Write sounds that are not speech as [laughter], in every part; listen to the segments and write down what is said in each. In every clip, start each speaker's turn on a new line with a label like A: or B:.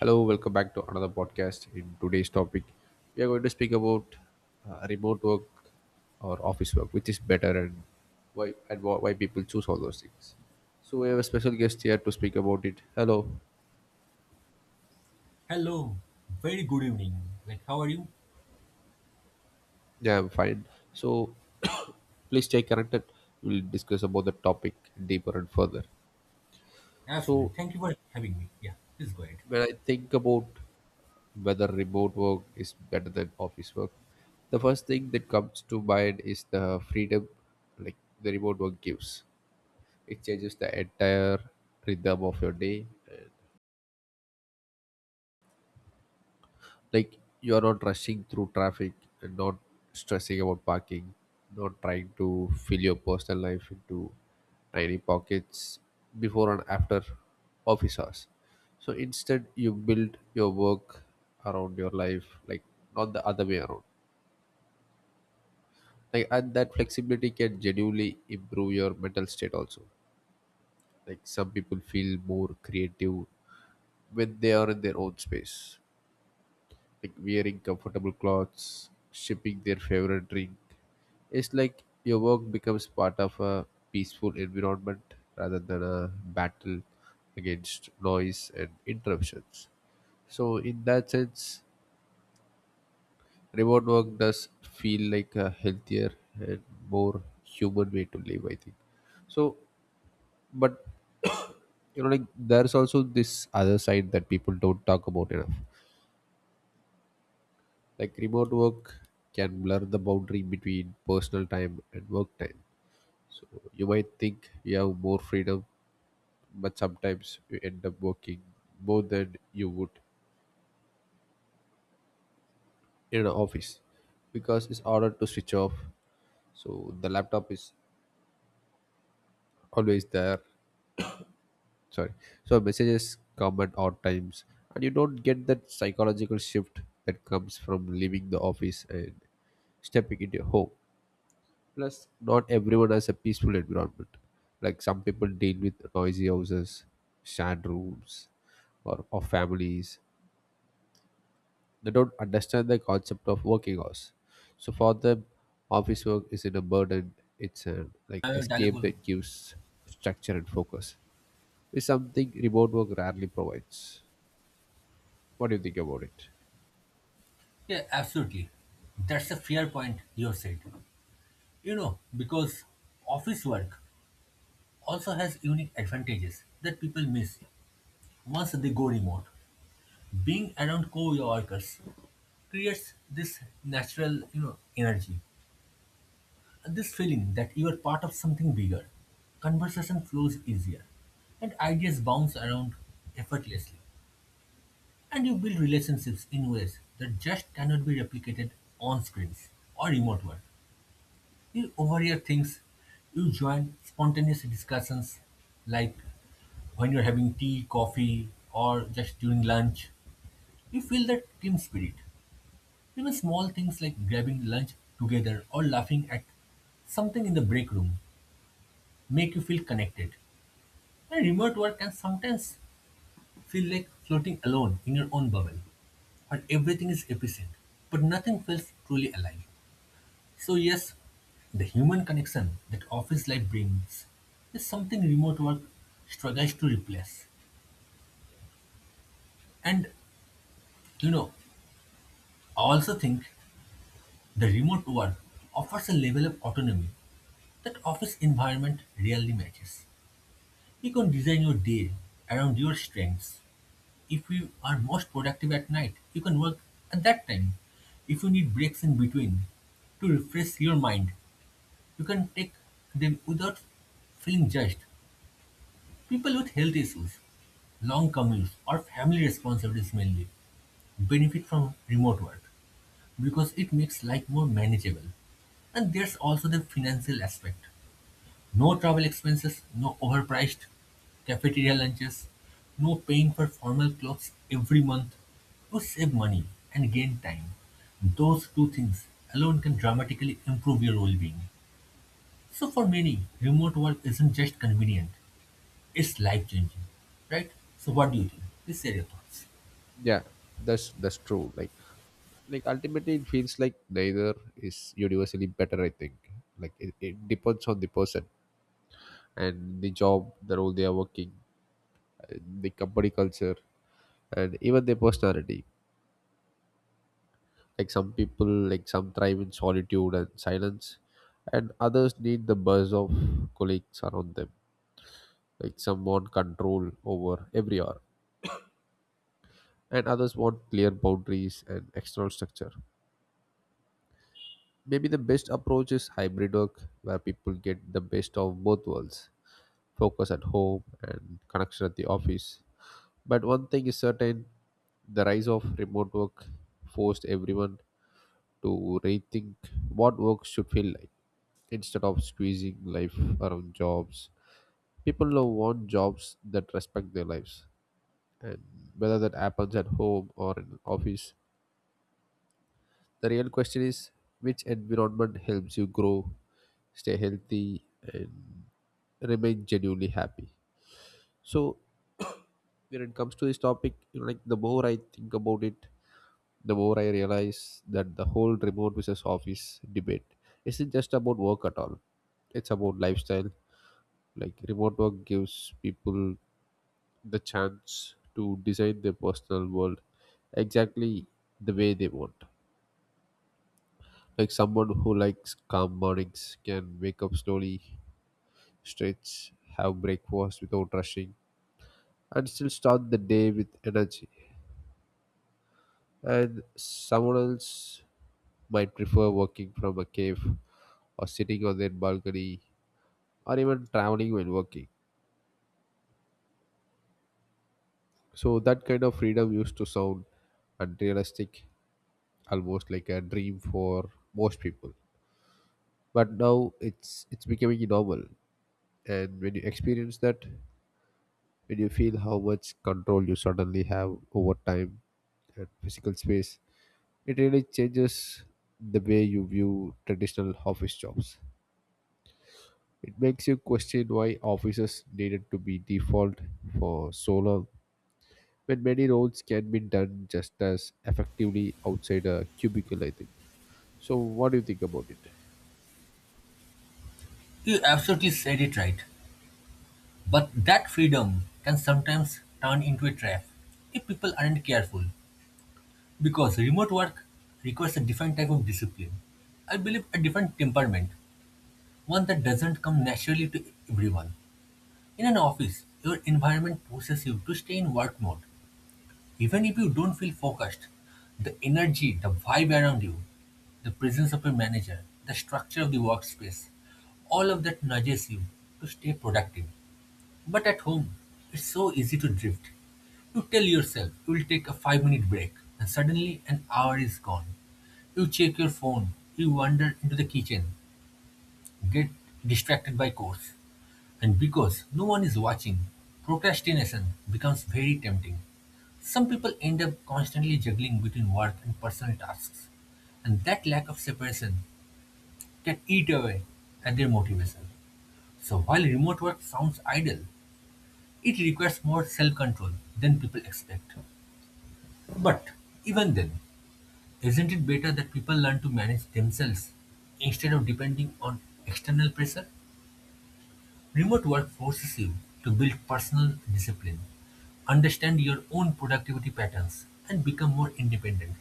A: Hello, welcome back to another podcast. In today's topic, we are going to speak about remote work or office work, which is better and why and why people choose all those things. So we have a special guest here to speak about it. Hello,
B: Hello, very good evening. Like, how are you?
A: yeah, I'm fine. So [coughs] please stay connected. We'll discuss about the topic deeper and further.
B: Absolutely.
A: So
B: Thank you for having me. Yeah, please go ahead.
A: when I think about whether remote work is better than office work, the first thing that comes to mind is the freedom, like the remote work gives. It changes the entire rhythm of your day, and like you are not rushing through traffic, and not stressing about parking, not trying to fill your personal life into tiny pockets before and after office hours. So instead you build your work around your life, like not the other way around. Like, and that flexibility can genuinely improve your mental state also. Like, some people feel more creative when they are in their own space, like wearing comfortable clothes, sipping their favorite drink. It's like your work becomes part of a peaceful environment rather than a battle against noise and interruptions. So in that sense, remote work does feel like a healthier and more human way to live, I think. So, but you know, like there's also this other side that people don't talk about enough. Like, remote work can blur the boundary between personal time and work time. So you might think you have more freedom, but sometimes you end up working more than you would in an office because it's harder to switch off. So the laptop is always there. Sorry. So messages come at odd times and you don't get that psychological shift that comes from leaving the office and stepping into your home. Plus not everyone has a peaceful environment. Like, some people deal with noisy houses, shared rooms, or families. They don't understand the concept of working hours. So for them, office work isn't a burden, it's an like escape
B: Dalegulo.
A: that gives structure and focus is something remote work rarely provides. What do you think about it?
B: Yeah, absolutely. That's a fair point you said. You know, because office work also has unique advantages that people miss once they go remote. Being around co-workers creates this natural, you know, energy. This feeling that you are part of something bigger. Conversation flows easier and ideas bounce around effortlessly. And you build relationships in ways that just cannot be replicated on screens or remote work. You overhear things, you join spontaneous discussions like when you're having tea, coffee, or just during lunch. You feel that team spirit. Even small things like grabbing lunch together or laughing at something in the break room make you feel connected. And remote work can sometimes feel like floating alone in your own bubble, where everything is efficient, but nothing feels truly alive. So, yes, the human connection that office life brings is something remote work struggles to replace. And you know, I also think the remote work offers a level of autonomy that office environment rarely matches. You can design your day around your strengths. If you are most productive at night, you can work at that time. If you need breaks in between to refresh your mind, you can take them without feeling judged. People with health issues, long commutes, or family responsibilities mainly benefit from remote work because it makes life more manageable. And there's also the financial aspect. No travel expenses, no overpriced cafeteria lunches, no paying for formal clothes every month. You save money and gain time. Those two things alone can dramatically improve your well being. So, for many, remote work isn't just convenient, it's life changing. Right? So, what do you think? Please share your thoughts.
A: Yeah, that's true, like ultimately it feels like neither is universally better, I think. Like it depends on the person and the job, the role they are working, uh, the company culture and even their personality. Like some people, like some thrive in solitude and silence, and others need the buzz of colleagues around them. Like some want control over every hour and others want clear boundaries and external structure. Maybe the best approach is hybrid work where people get the best of both worlds, focus at home and connection at the office. But one thing is certain, the rise of remote work forced everyone to rethink what work should feel like instead of squeezing life around jobs. People now want jobs that respect their lives, and whether that happens at home or in office, the real question is which environment helps you grow, stay healthy, and remain genuinely happy. So, [coughs] when it comes to this topic, you know, like the more I think about it, the more I realize that the whole remote versus office debate isn't just about work at all. It's about lifestyle. Like remote work gives people the chance to design their personal world exactly the way they want. Like someone who likes calm mornings can wake up slowly, stretch, have breakfast without rushing, and still start the day with energy. And someone else might prefer working from a cave, or sitting on their balcony, or even traveling while working. So that kind of freedom used to sound unrealistic, almost like a dream for most people. But now it's becoming normal. And when you experience that, when you feel how much control you suddenly have over time and physical space, it really changes the way you view traditional office jobs. It makes you question why offices needed to be default for so long when many roles can be done just as effectively outside a cubicle, I think. So, what do you think about it?
B: You absolutely said it right. But that freedom can sometimes turn into a trap if people aren't careful. Because remote work requires a different type of discipline. I believe a different temperament, one that doesn't come naturally to everyone. In an office, your environment pushes you to stay in work mode. Even if you don't feel focused, the energy, the vibe around you, the presence of your manager, the structure of the workspace, all of that nudges you to stay productive. But at home, it's so easy to drift. You tell yourself you will take a 5-minute minute break, and suddenly an hour is gone. You check your phone, you wander into the kitchen, get distracted by chores, and because no one is watching, procrastination becomes very tempting. Some people end up constantly juggling between work and personal tasks, and that lack of separation can eat away at their motivation. So while remote work sounds ideal, it requires more self control than people expect. But even then, isn't it better that people learn to manage themselves instead of depending on external pressure? Remote work forces you to build personal discipline, understand your own productivity patterns, and become more independent.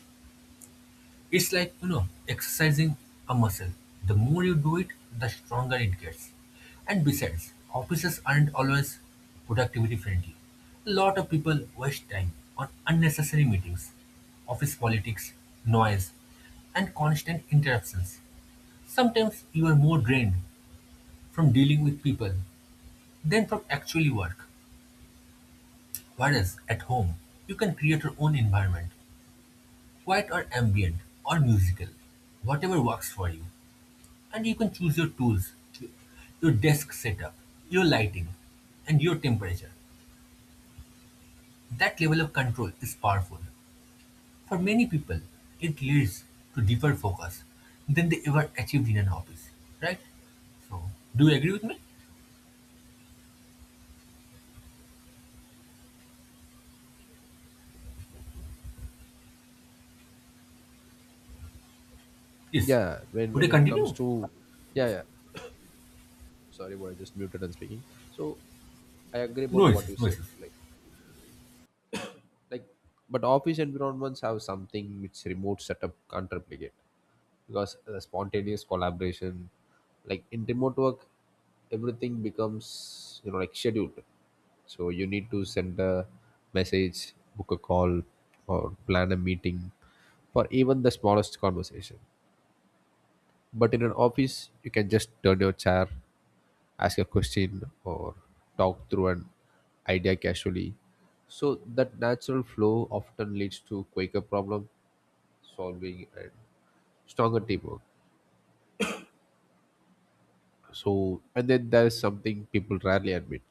B: It's like, you know, exercising a muscle. The more you do it, the stronger it gets. And besides, offices aren't always productivity friendly. A lot of people waste time on unnecessary meetings, office politics, noise, and constant interruptions. Sometimes you are more drained from dealing with people than from actually work. Whereas at home, you can create your own environment, quiet or ambient or musical, whatever works for you. And you can choose your tools, your desk setup, your lighting, and your temperature. That level of control is powerful. For many people, it leads to deeper focus than they ever achieved in an office, right? So, do you agree with me? Yes.
A: Yeah, when,
B: Would I
A: when it comes
B: continue?
A: to. Yeah,
B: Yes.
A: yeah. Sorry, but I just muted and speaking. So, I agree about
B: No
A: what you
B: issues, no
A: said.
B: issues.
A: Like, like but office environments have something which remote setup can't replicate, because the spontaneous collaboration, like in remote work everything becomes, you know, like scheduled. So you need to send a message, book a call, or plan a meeting for even the smallest conversation. But in an office you can just turn your chair, ask a question, or talk through an idea casually. So that natural flow often leads to quicker problem solving and stronger teamwork. So and then there is something people rarely admit,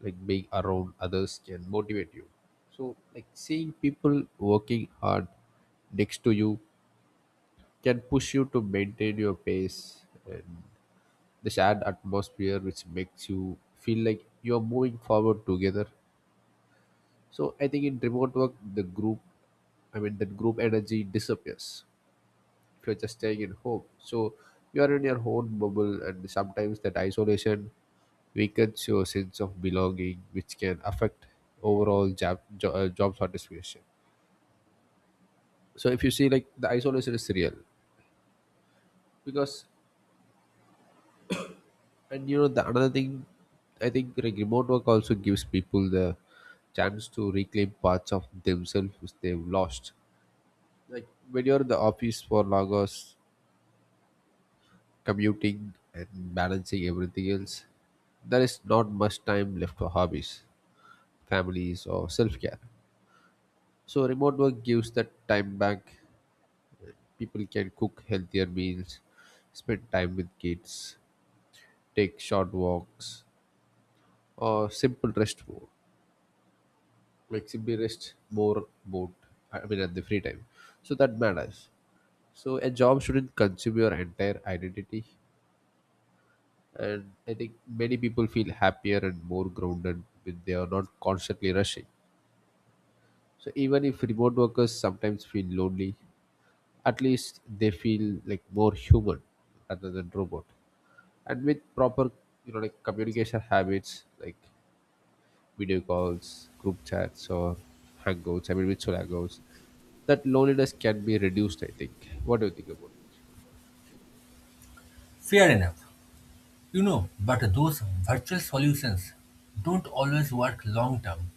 A: like being around others can motivate you. So like seeing people working hard next to you can push you to maintain your pace, and the shared atmosphere which makes you feel like you're moving forward together. So I think in remote work, the group, I mean, that group energy disappears if you're just staying at home. So you are in your own bubble, and sometimes that isolation weakens your sense of belonging, which can affect overall job job satisfaction. So if you see, like the isolation is real, because and the another thing, I think, like remote work also gives people the chance to reclaim parts of themselves which they've lost. Like when you're in the office for long hours, commuting and balancing everything else, there is not much time left for hobbies, families, or self care. So, remote work gives that time back. People can cook healthier meals, spend time with kids, take short walks, or simple rest more. Like simply rest more about, I mean, at the free time. So, that matters. So, a job shouldn't consume your entire identity. And I think many people feel happier and more grounded when they are not constantly rushing. So even if remote workers sometimes feel lonely, at least they feel like more human rather than robot. And with proper, like communication habits like video calls, group chats, or hangouts. I mean, virtual hangouts. That loneliness can be reduced, I think. What do you think about it?
B: Fair enough. You know, but those virtual solutions don't always work long term.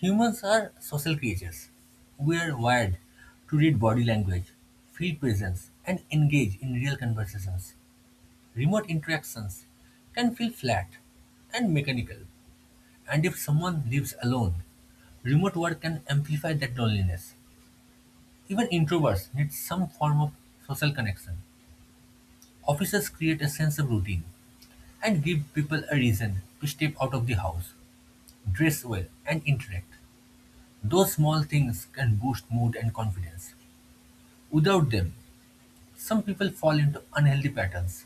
B: Humans are social creatures. We are wired to read body language, feel presence, and engage in real conversations. Remote interactions can feel flat and mechanical, and if someone lives alone, remote work can amplify that loneliness. Even introverts need some form of social connection. Offices create a sense of routine and give people a reason to step out of the house, dress well, and interact. Those small things can boost mood and confidence. Without them, some people fall into unhealthy patterns,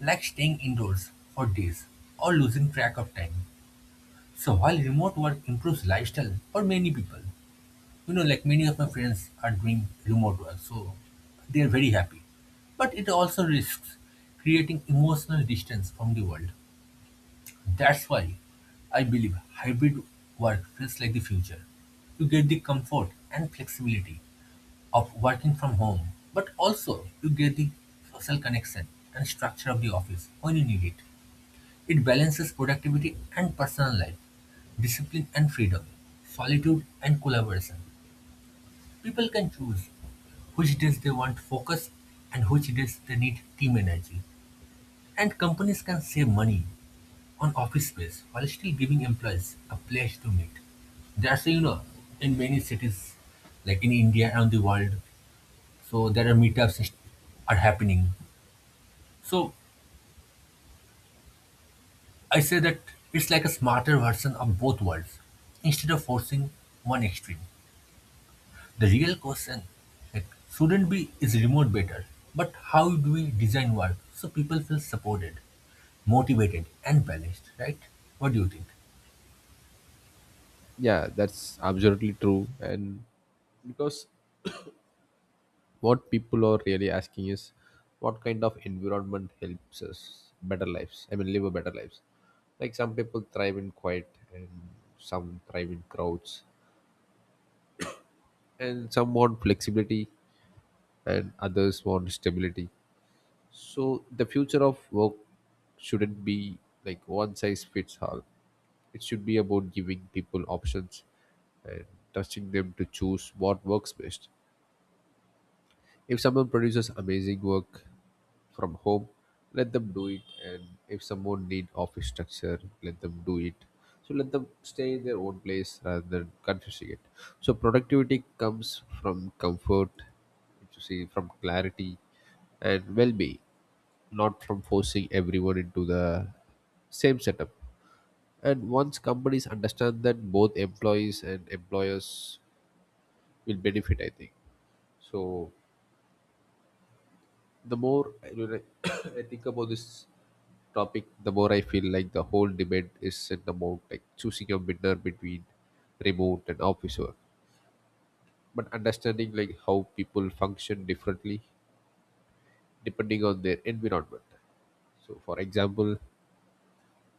B: like staying indoors for days or losing track of time. So while remote work improves lifestyle for many people, you know, like many of my friends are doing remote work, so they are very happy. But it also risks creating emotional distance from the world. That's why I believe hybrid work feels like the future. You get the comfort and flexibility of working from home, but also you get the social connection and structure of the office when you need it. It balances productivity and personal life, discipline and freedom, solitude and collaboration. People can choose which days they want focus and which days they need team energy. And companies can save money on office space while still giving employees a place to meet. That's you know, in many cities, like in India and the world, so there are meetups are happening. So I say that it's like a smarter version of both worlds. Instead of forcing one extreme, the real question like, shouldn't be is remote better, but how do we design work so people feel supported, motivated, and balanced? Right? What do you think?
A: Yeah, that's absolutely true. And because what people are really asking is what kind of environment helps us better lives? I mean, live a better lives. Like some people thrive in quiet, and some thrive in crowds, and some want flexibility and others want stability. So, the future of work shouldn't be like one size fits all. It should be about giving people options and trusting them to choose what works best. If someone produces amazing work from home, let them do it. And if someone need office structure, let them do it. So let them stay in their own place rather than confusing it. So productivity comes from comfort, if you see, from clarity and well-being, not from forcing everyone into the same setup. And once companies understand that, both employees and employers will benefit, I think so. The more [coughs] I think about this topic, the more I feel like the whole debate is in the mode like choosing a winner between remote and office work. But understanding like how people function differently depending on their environment. So for example,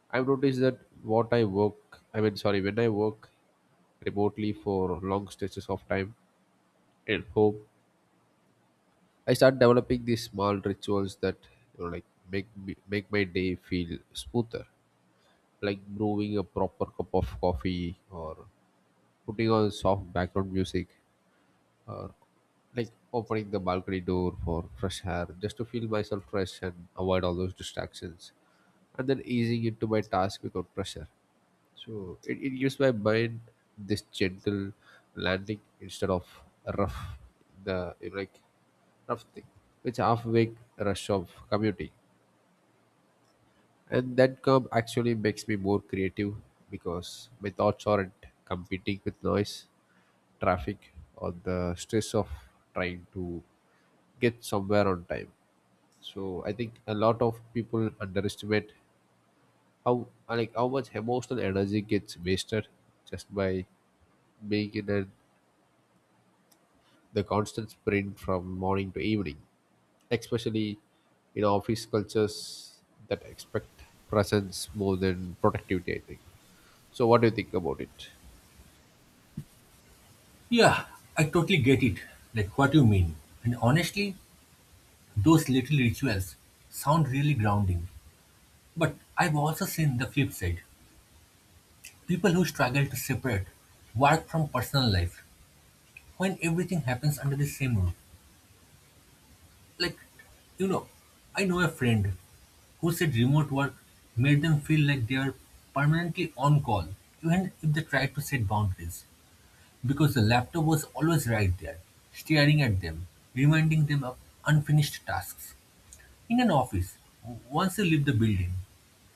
A: I've noticed that what I work I mean sorry, when I work remotely for long stretches of time at home, I start developing these small rituals that, you know, like make my day feel smoother, like brewing a proper cup of coffee, or putting on soft background music, or like opening the balcony door for fresh air, just to feel myself fresh and avoid all those distractions, and then easing into my task without pressure. So it gives my mind this gentle landing instead of a rough the like rough thing. Which half wake rush of commuting. And that calm actually makes me more creative because my thoughts aren't competing with noise, traffic, or the stress of trying to get somewhere on time. So I think a lot of people underestimate how much emotional energy gets wasted just by being in a, the constant sprint from morning to evening, especially in office cultures that expect presence more than productivity, I think. So, what do you think about it?
B: Yeah, I totally get it. Like what you mean. And honestly, those little rituals sound really grounding. But I've also seen the flip side. People who struggle to separate work from personal life when everything happens under the same roof. Like, you know, I know a friend who said remote work made them feel like they are permanently on call, even if they tried to set boundaries, because the laptop was always right there, staring at them, reminding them of unfinished tasks. In an office, once you leave the building,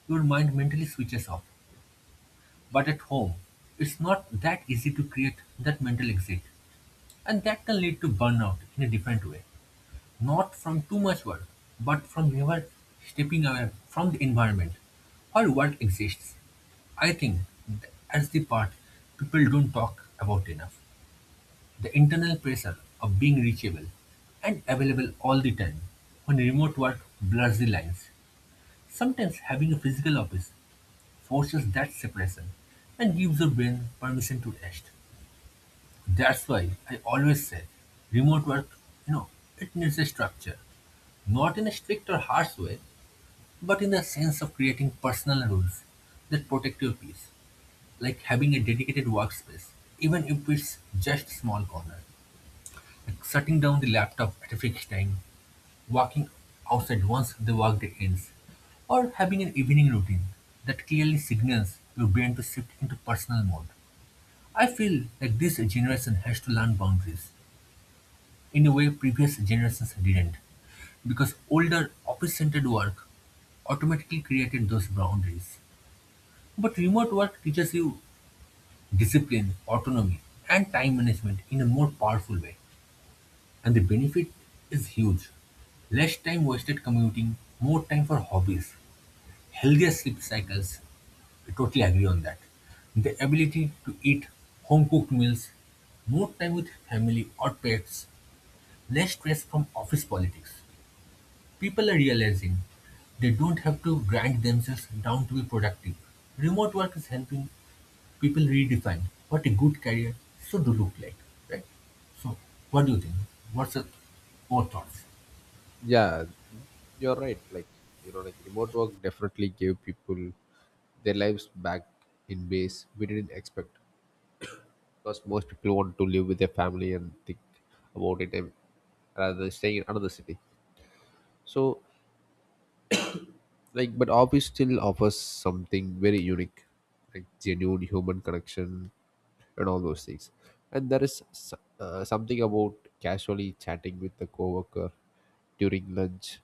B: your mind mentally switches off. But at home, it's not that easy to create that mental exit. And that can lead to burnout in a different way. Not from too much work, but from never stepping away from the environment where work exists. I think that's the part people don't talk about enough. The internal pressure of being reachable and available all the time when remote work blurs the lines. Sometimes having a physical office forces that separation and gives your brain permission to rest. That's why I always say remote work, you know, it needs a structure. Not in a strict or harsh way, but in the sense of creating personal rules that protect your peace. Like having a dedicated workspace, even if it's just small corner. Like shutting down the laptop at a fixed time, walking outside once the workday ends, or having an evening routine that clearly signals your brain to shift into personal mode. I feel that this generation has to learn boundaries in a way previous generations didn't, because older office-centered work automatically created those boundaries. But remote work teaches you discipline, autonomy, and time management in a more powerful way, and the benefit is huge. Less time wasted commuting, more time for hobbies, healthier sleep cycles. I totally agree on that. The ability to eat home cooked meals, more time with family or pets, less stress from office politics. People are realizing they don't have to grind themselves down to be productive. Remote work is helping people redefine what a good career should look like, right? So, what do you think? What's your thoughts?
A: Yeah, you're right. Like, you know, like remote work definitely gave people their lives back in ways we didn't expect. Because most people want to live with their family and think about it, and rather than staying in another city. So, like, but office still offers something very unique, like genuine human connection and all those things. And there is something about casually chatting with the coworker during lunch,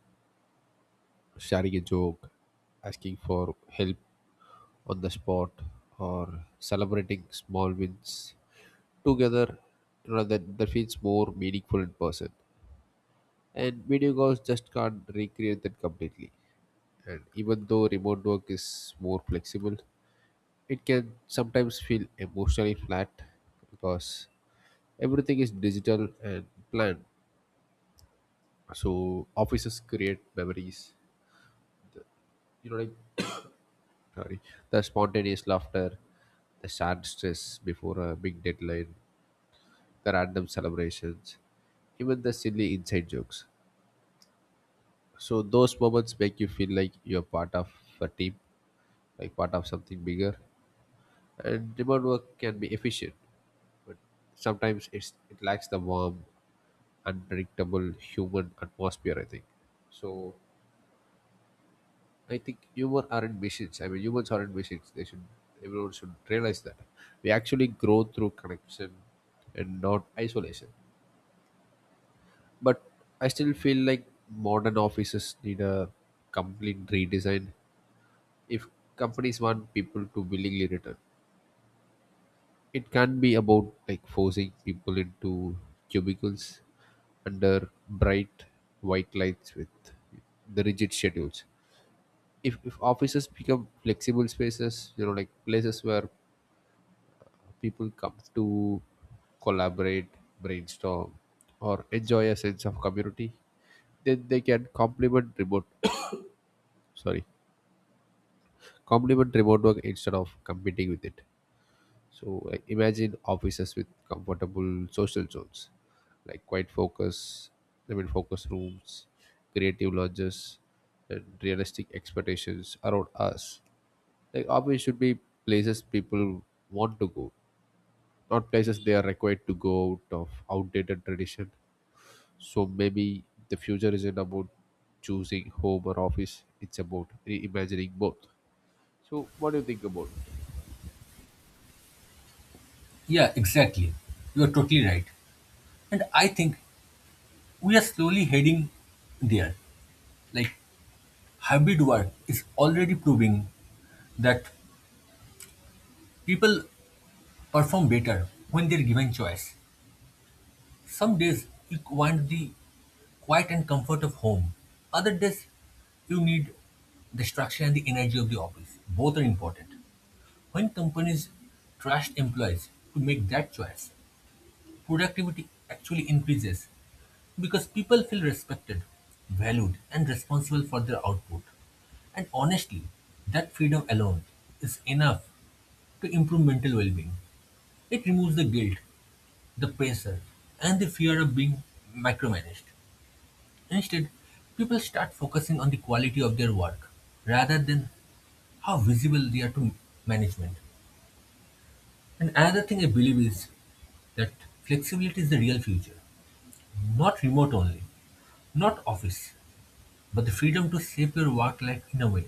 A: sharing a joke, asking for help on the spot, or celebrating small wins together, that feels more meaningful in person. And video calls just can't recreate that completely. And even though remote work is more flexible, it can sometimes feel emotionally flat because everything is digital and planned. So offices create memories. You know, like sorry, the spontaneous laughter, the shared stress before a big deadline, the random celebrations, even the silly inside jokes. So those moments make you feel like you're part of a team, like part of something bigger. And remote work can be efficient, but sometimes it lacks the warm, unpredictable human atmosphere. I think so. I think humor aren't machines. I mean, humans aren't machines. They should everyone should realize that we actually grow through connection and not isolation. But I still feel like modern offices need a complete redesign. If companies want people to willingly return, it can be about like forcing people into cubicles under bright white lights with the rigid schedules. If offices become flexible spaces, you know, like places where people come to collaborate, brainstorm, or enjoy a sense of community, then they can complement remote [coughs] sorry complement remote work instead of competing with it. So like, imagine offices with comfortable social zones, like quiet focus, I mean focus rooms, creative lodges, and realistic expectations around us. Like office should be places people want to go, or places they are required to go out of outdated tradition. So maybe the future isn't about choosing home or office; it's about reimagining both. So what do you think about it?
B: Yeah, exactly. You are totally right. And I think we are slowly heading there. Like, hybrid work is already proving that people perform better when they're given choice. Some days you want the quiet and comfort of home. Other days, you need the structure and the energy of the office. Both are important. When companies trust employees to make that choice, productivity actually increases because people feel respected, valued, and responsible for their output. And honestly, that freedom alone is enough to improve mental well being. It removes the guilt, the pressure, and the fear of being micromanaged. Instead, people start focusing on the quality of their work rather than how visible they are to management. And another thing I believe is that flexibility is the real future, not remote only, not office, but the freedom to shape your work life in a way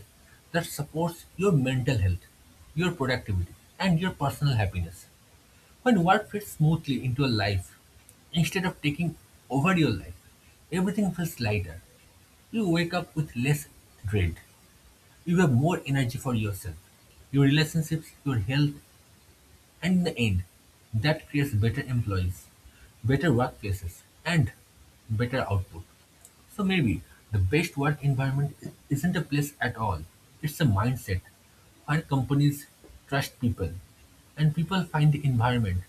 B: that supports your mental health, your productivity, and your personal happiness. When work fits smoothly into your life, instead of taking over your life, everything feels lighter. You wake up with less dread. You have more energy for yourself, your relationships, your health, and in the end, that creates better employees, better workplaces, and better output. So maybe the best work environment isn't a place at all. It's a mindset where companies trust people and people find the environment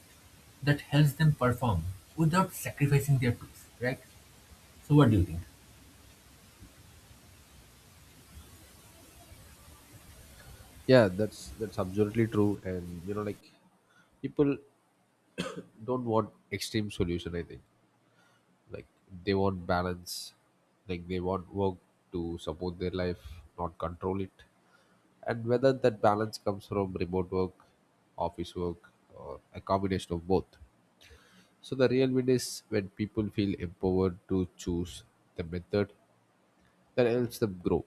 B: that helps them perform without sacrificing their peace, right? So what do you think?
A: Yeah, that's absolutely true. And you know, like people don't want extreme solution. I think like they want balance, like they want work to support their life, not control it. And whether that balance comes from remote work, office work, or a combination of both. So the real win is when people feel empowered to choose the method that helps them grow.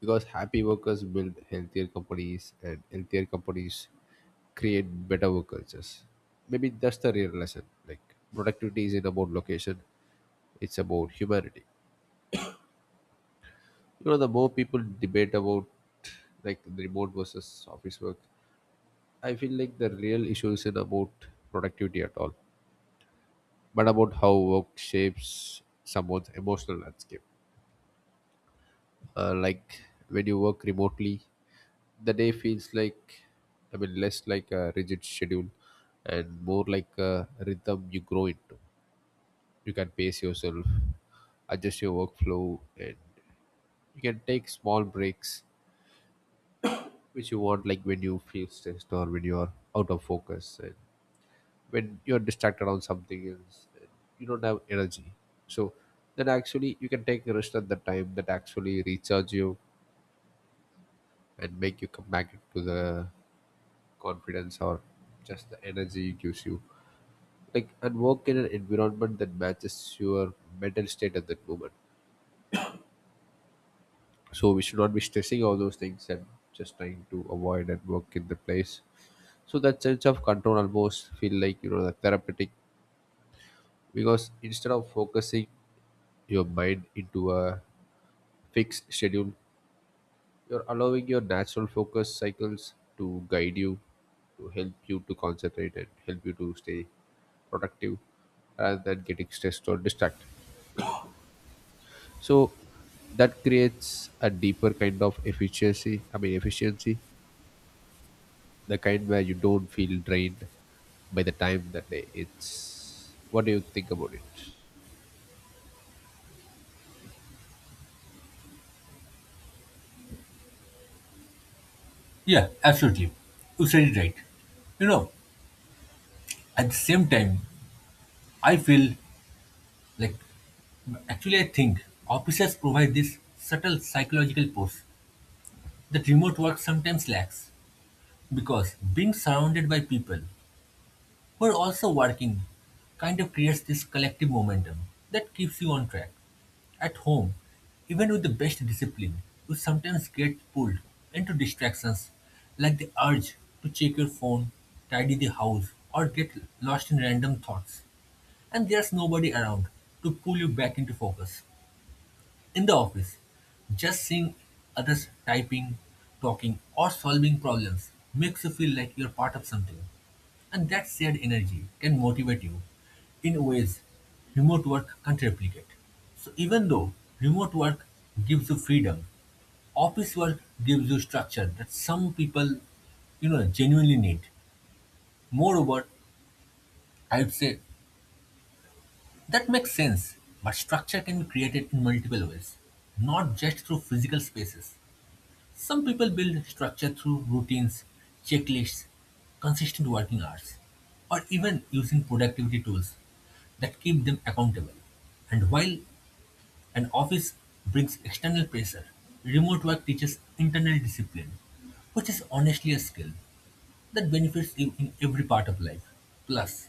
A: Because happy workers build healthier companies and healthier companies create better work cultures. Maybe that's the real lesson. Like productivity isn't about location, it's about humanity. You know, the more people debate about like the remote versus office work, I feel like the real issue isn't about productivity at all, but about how work shapes someone's emotional landscape. uh, like when you work remotely, the day feels like, less like a rigid schedule and more like a rhythm you grow into. You can pace yourself, adjust your workflow, and you can take small breaks which you want, like when you feel stressed or when you are out of focus and when you're distracted on something else and you don't have energy. So then actually you can take a rest at the time that actually recharge you and make you come back to the confidence, or just the energy it gives you, like, and work in an environment that matches your mental state at that moment. So we should not be stressing all those things and just trying to avoid and work in the place. So that sense of control almost feel like, you know, the therapeutic, because instead of focusing your mind into a fixed schedule, you're allowing your natural focus cycles to guide you, to help you to concentrate and help you to stay productive rather than getting stressed or distracted. So that creates a deeper kind of efficiency. I mean efficiency, the kind where you don't feel drained by the time that day. It's what do you think about it?
B: Yeah, absolutely. You said it right. You know, at the same time, I feel like actually, I think offices provide this subtle psychological push that remote work sometimes lacks because being surrounded by people who are also working kind of creates this collective momentum that keeps you on track. At home, even with the best discipline, you sometimes get pulled into distractions like the urge to check your phone, tidy the house, or get lost in random thoughts. And there's nobody around to pull you back into focus. In the office, just seeing others typing, talking, or solving problems makes you feel like you're part of something. And that shared energy can motivate you in ways remote work can't replicate. So, even though remote work gives you freedom, office work gives you structure that some people you know genuinely need. Moreover, I would say that makes sense, but structure can be created in multiple ways, not just through physical spaces. Some people build structure through routines, checklists, consistent working hours, or even using productivity tools that keep them accountable. And while an office brings external pressure, remote work teaches internal discipline, which is honestly a skill that benefits you in every part of life. Plus,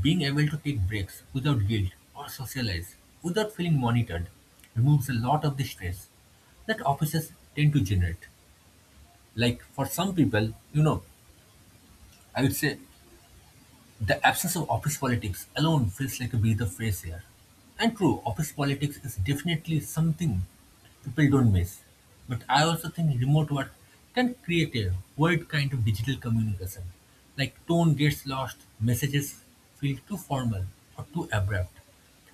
B: being able to take breaks without guilt or socialize without feeling monitored removes a lot of the stress that offices tend to generate. Like for some people, you know, I would say the absence of office politics alone feels like a breath of fresh air. And true, office politics is definitely something people don't miss. But I also think remote work can create a weird kind of digital communication. Like tone gets lost, messages feel too formal or too abrupt.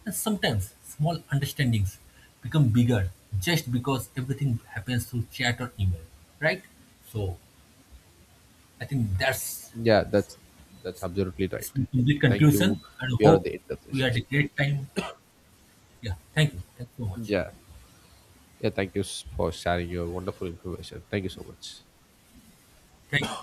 B: And sometimes small understandings become bigger just because everything happens through chat or email, right? So I think that's
A: Yeah, that's absolutely
B: this
A: right.
B: is the
A: Thank you.
B: conclusion and
A: We are at
B: hope
A: the end of this
B: we had a
A: session.
B: great time. Yeah, thank you. Thank you so much.
A: Yeah. Yeah, thank for sharing your wonderful information. Thank you so much.
B: Thank you.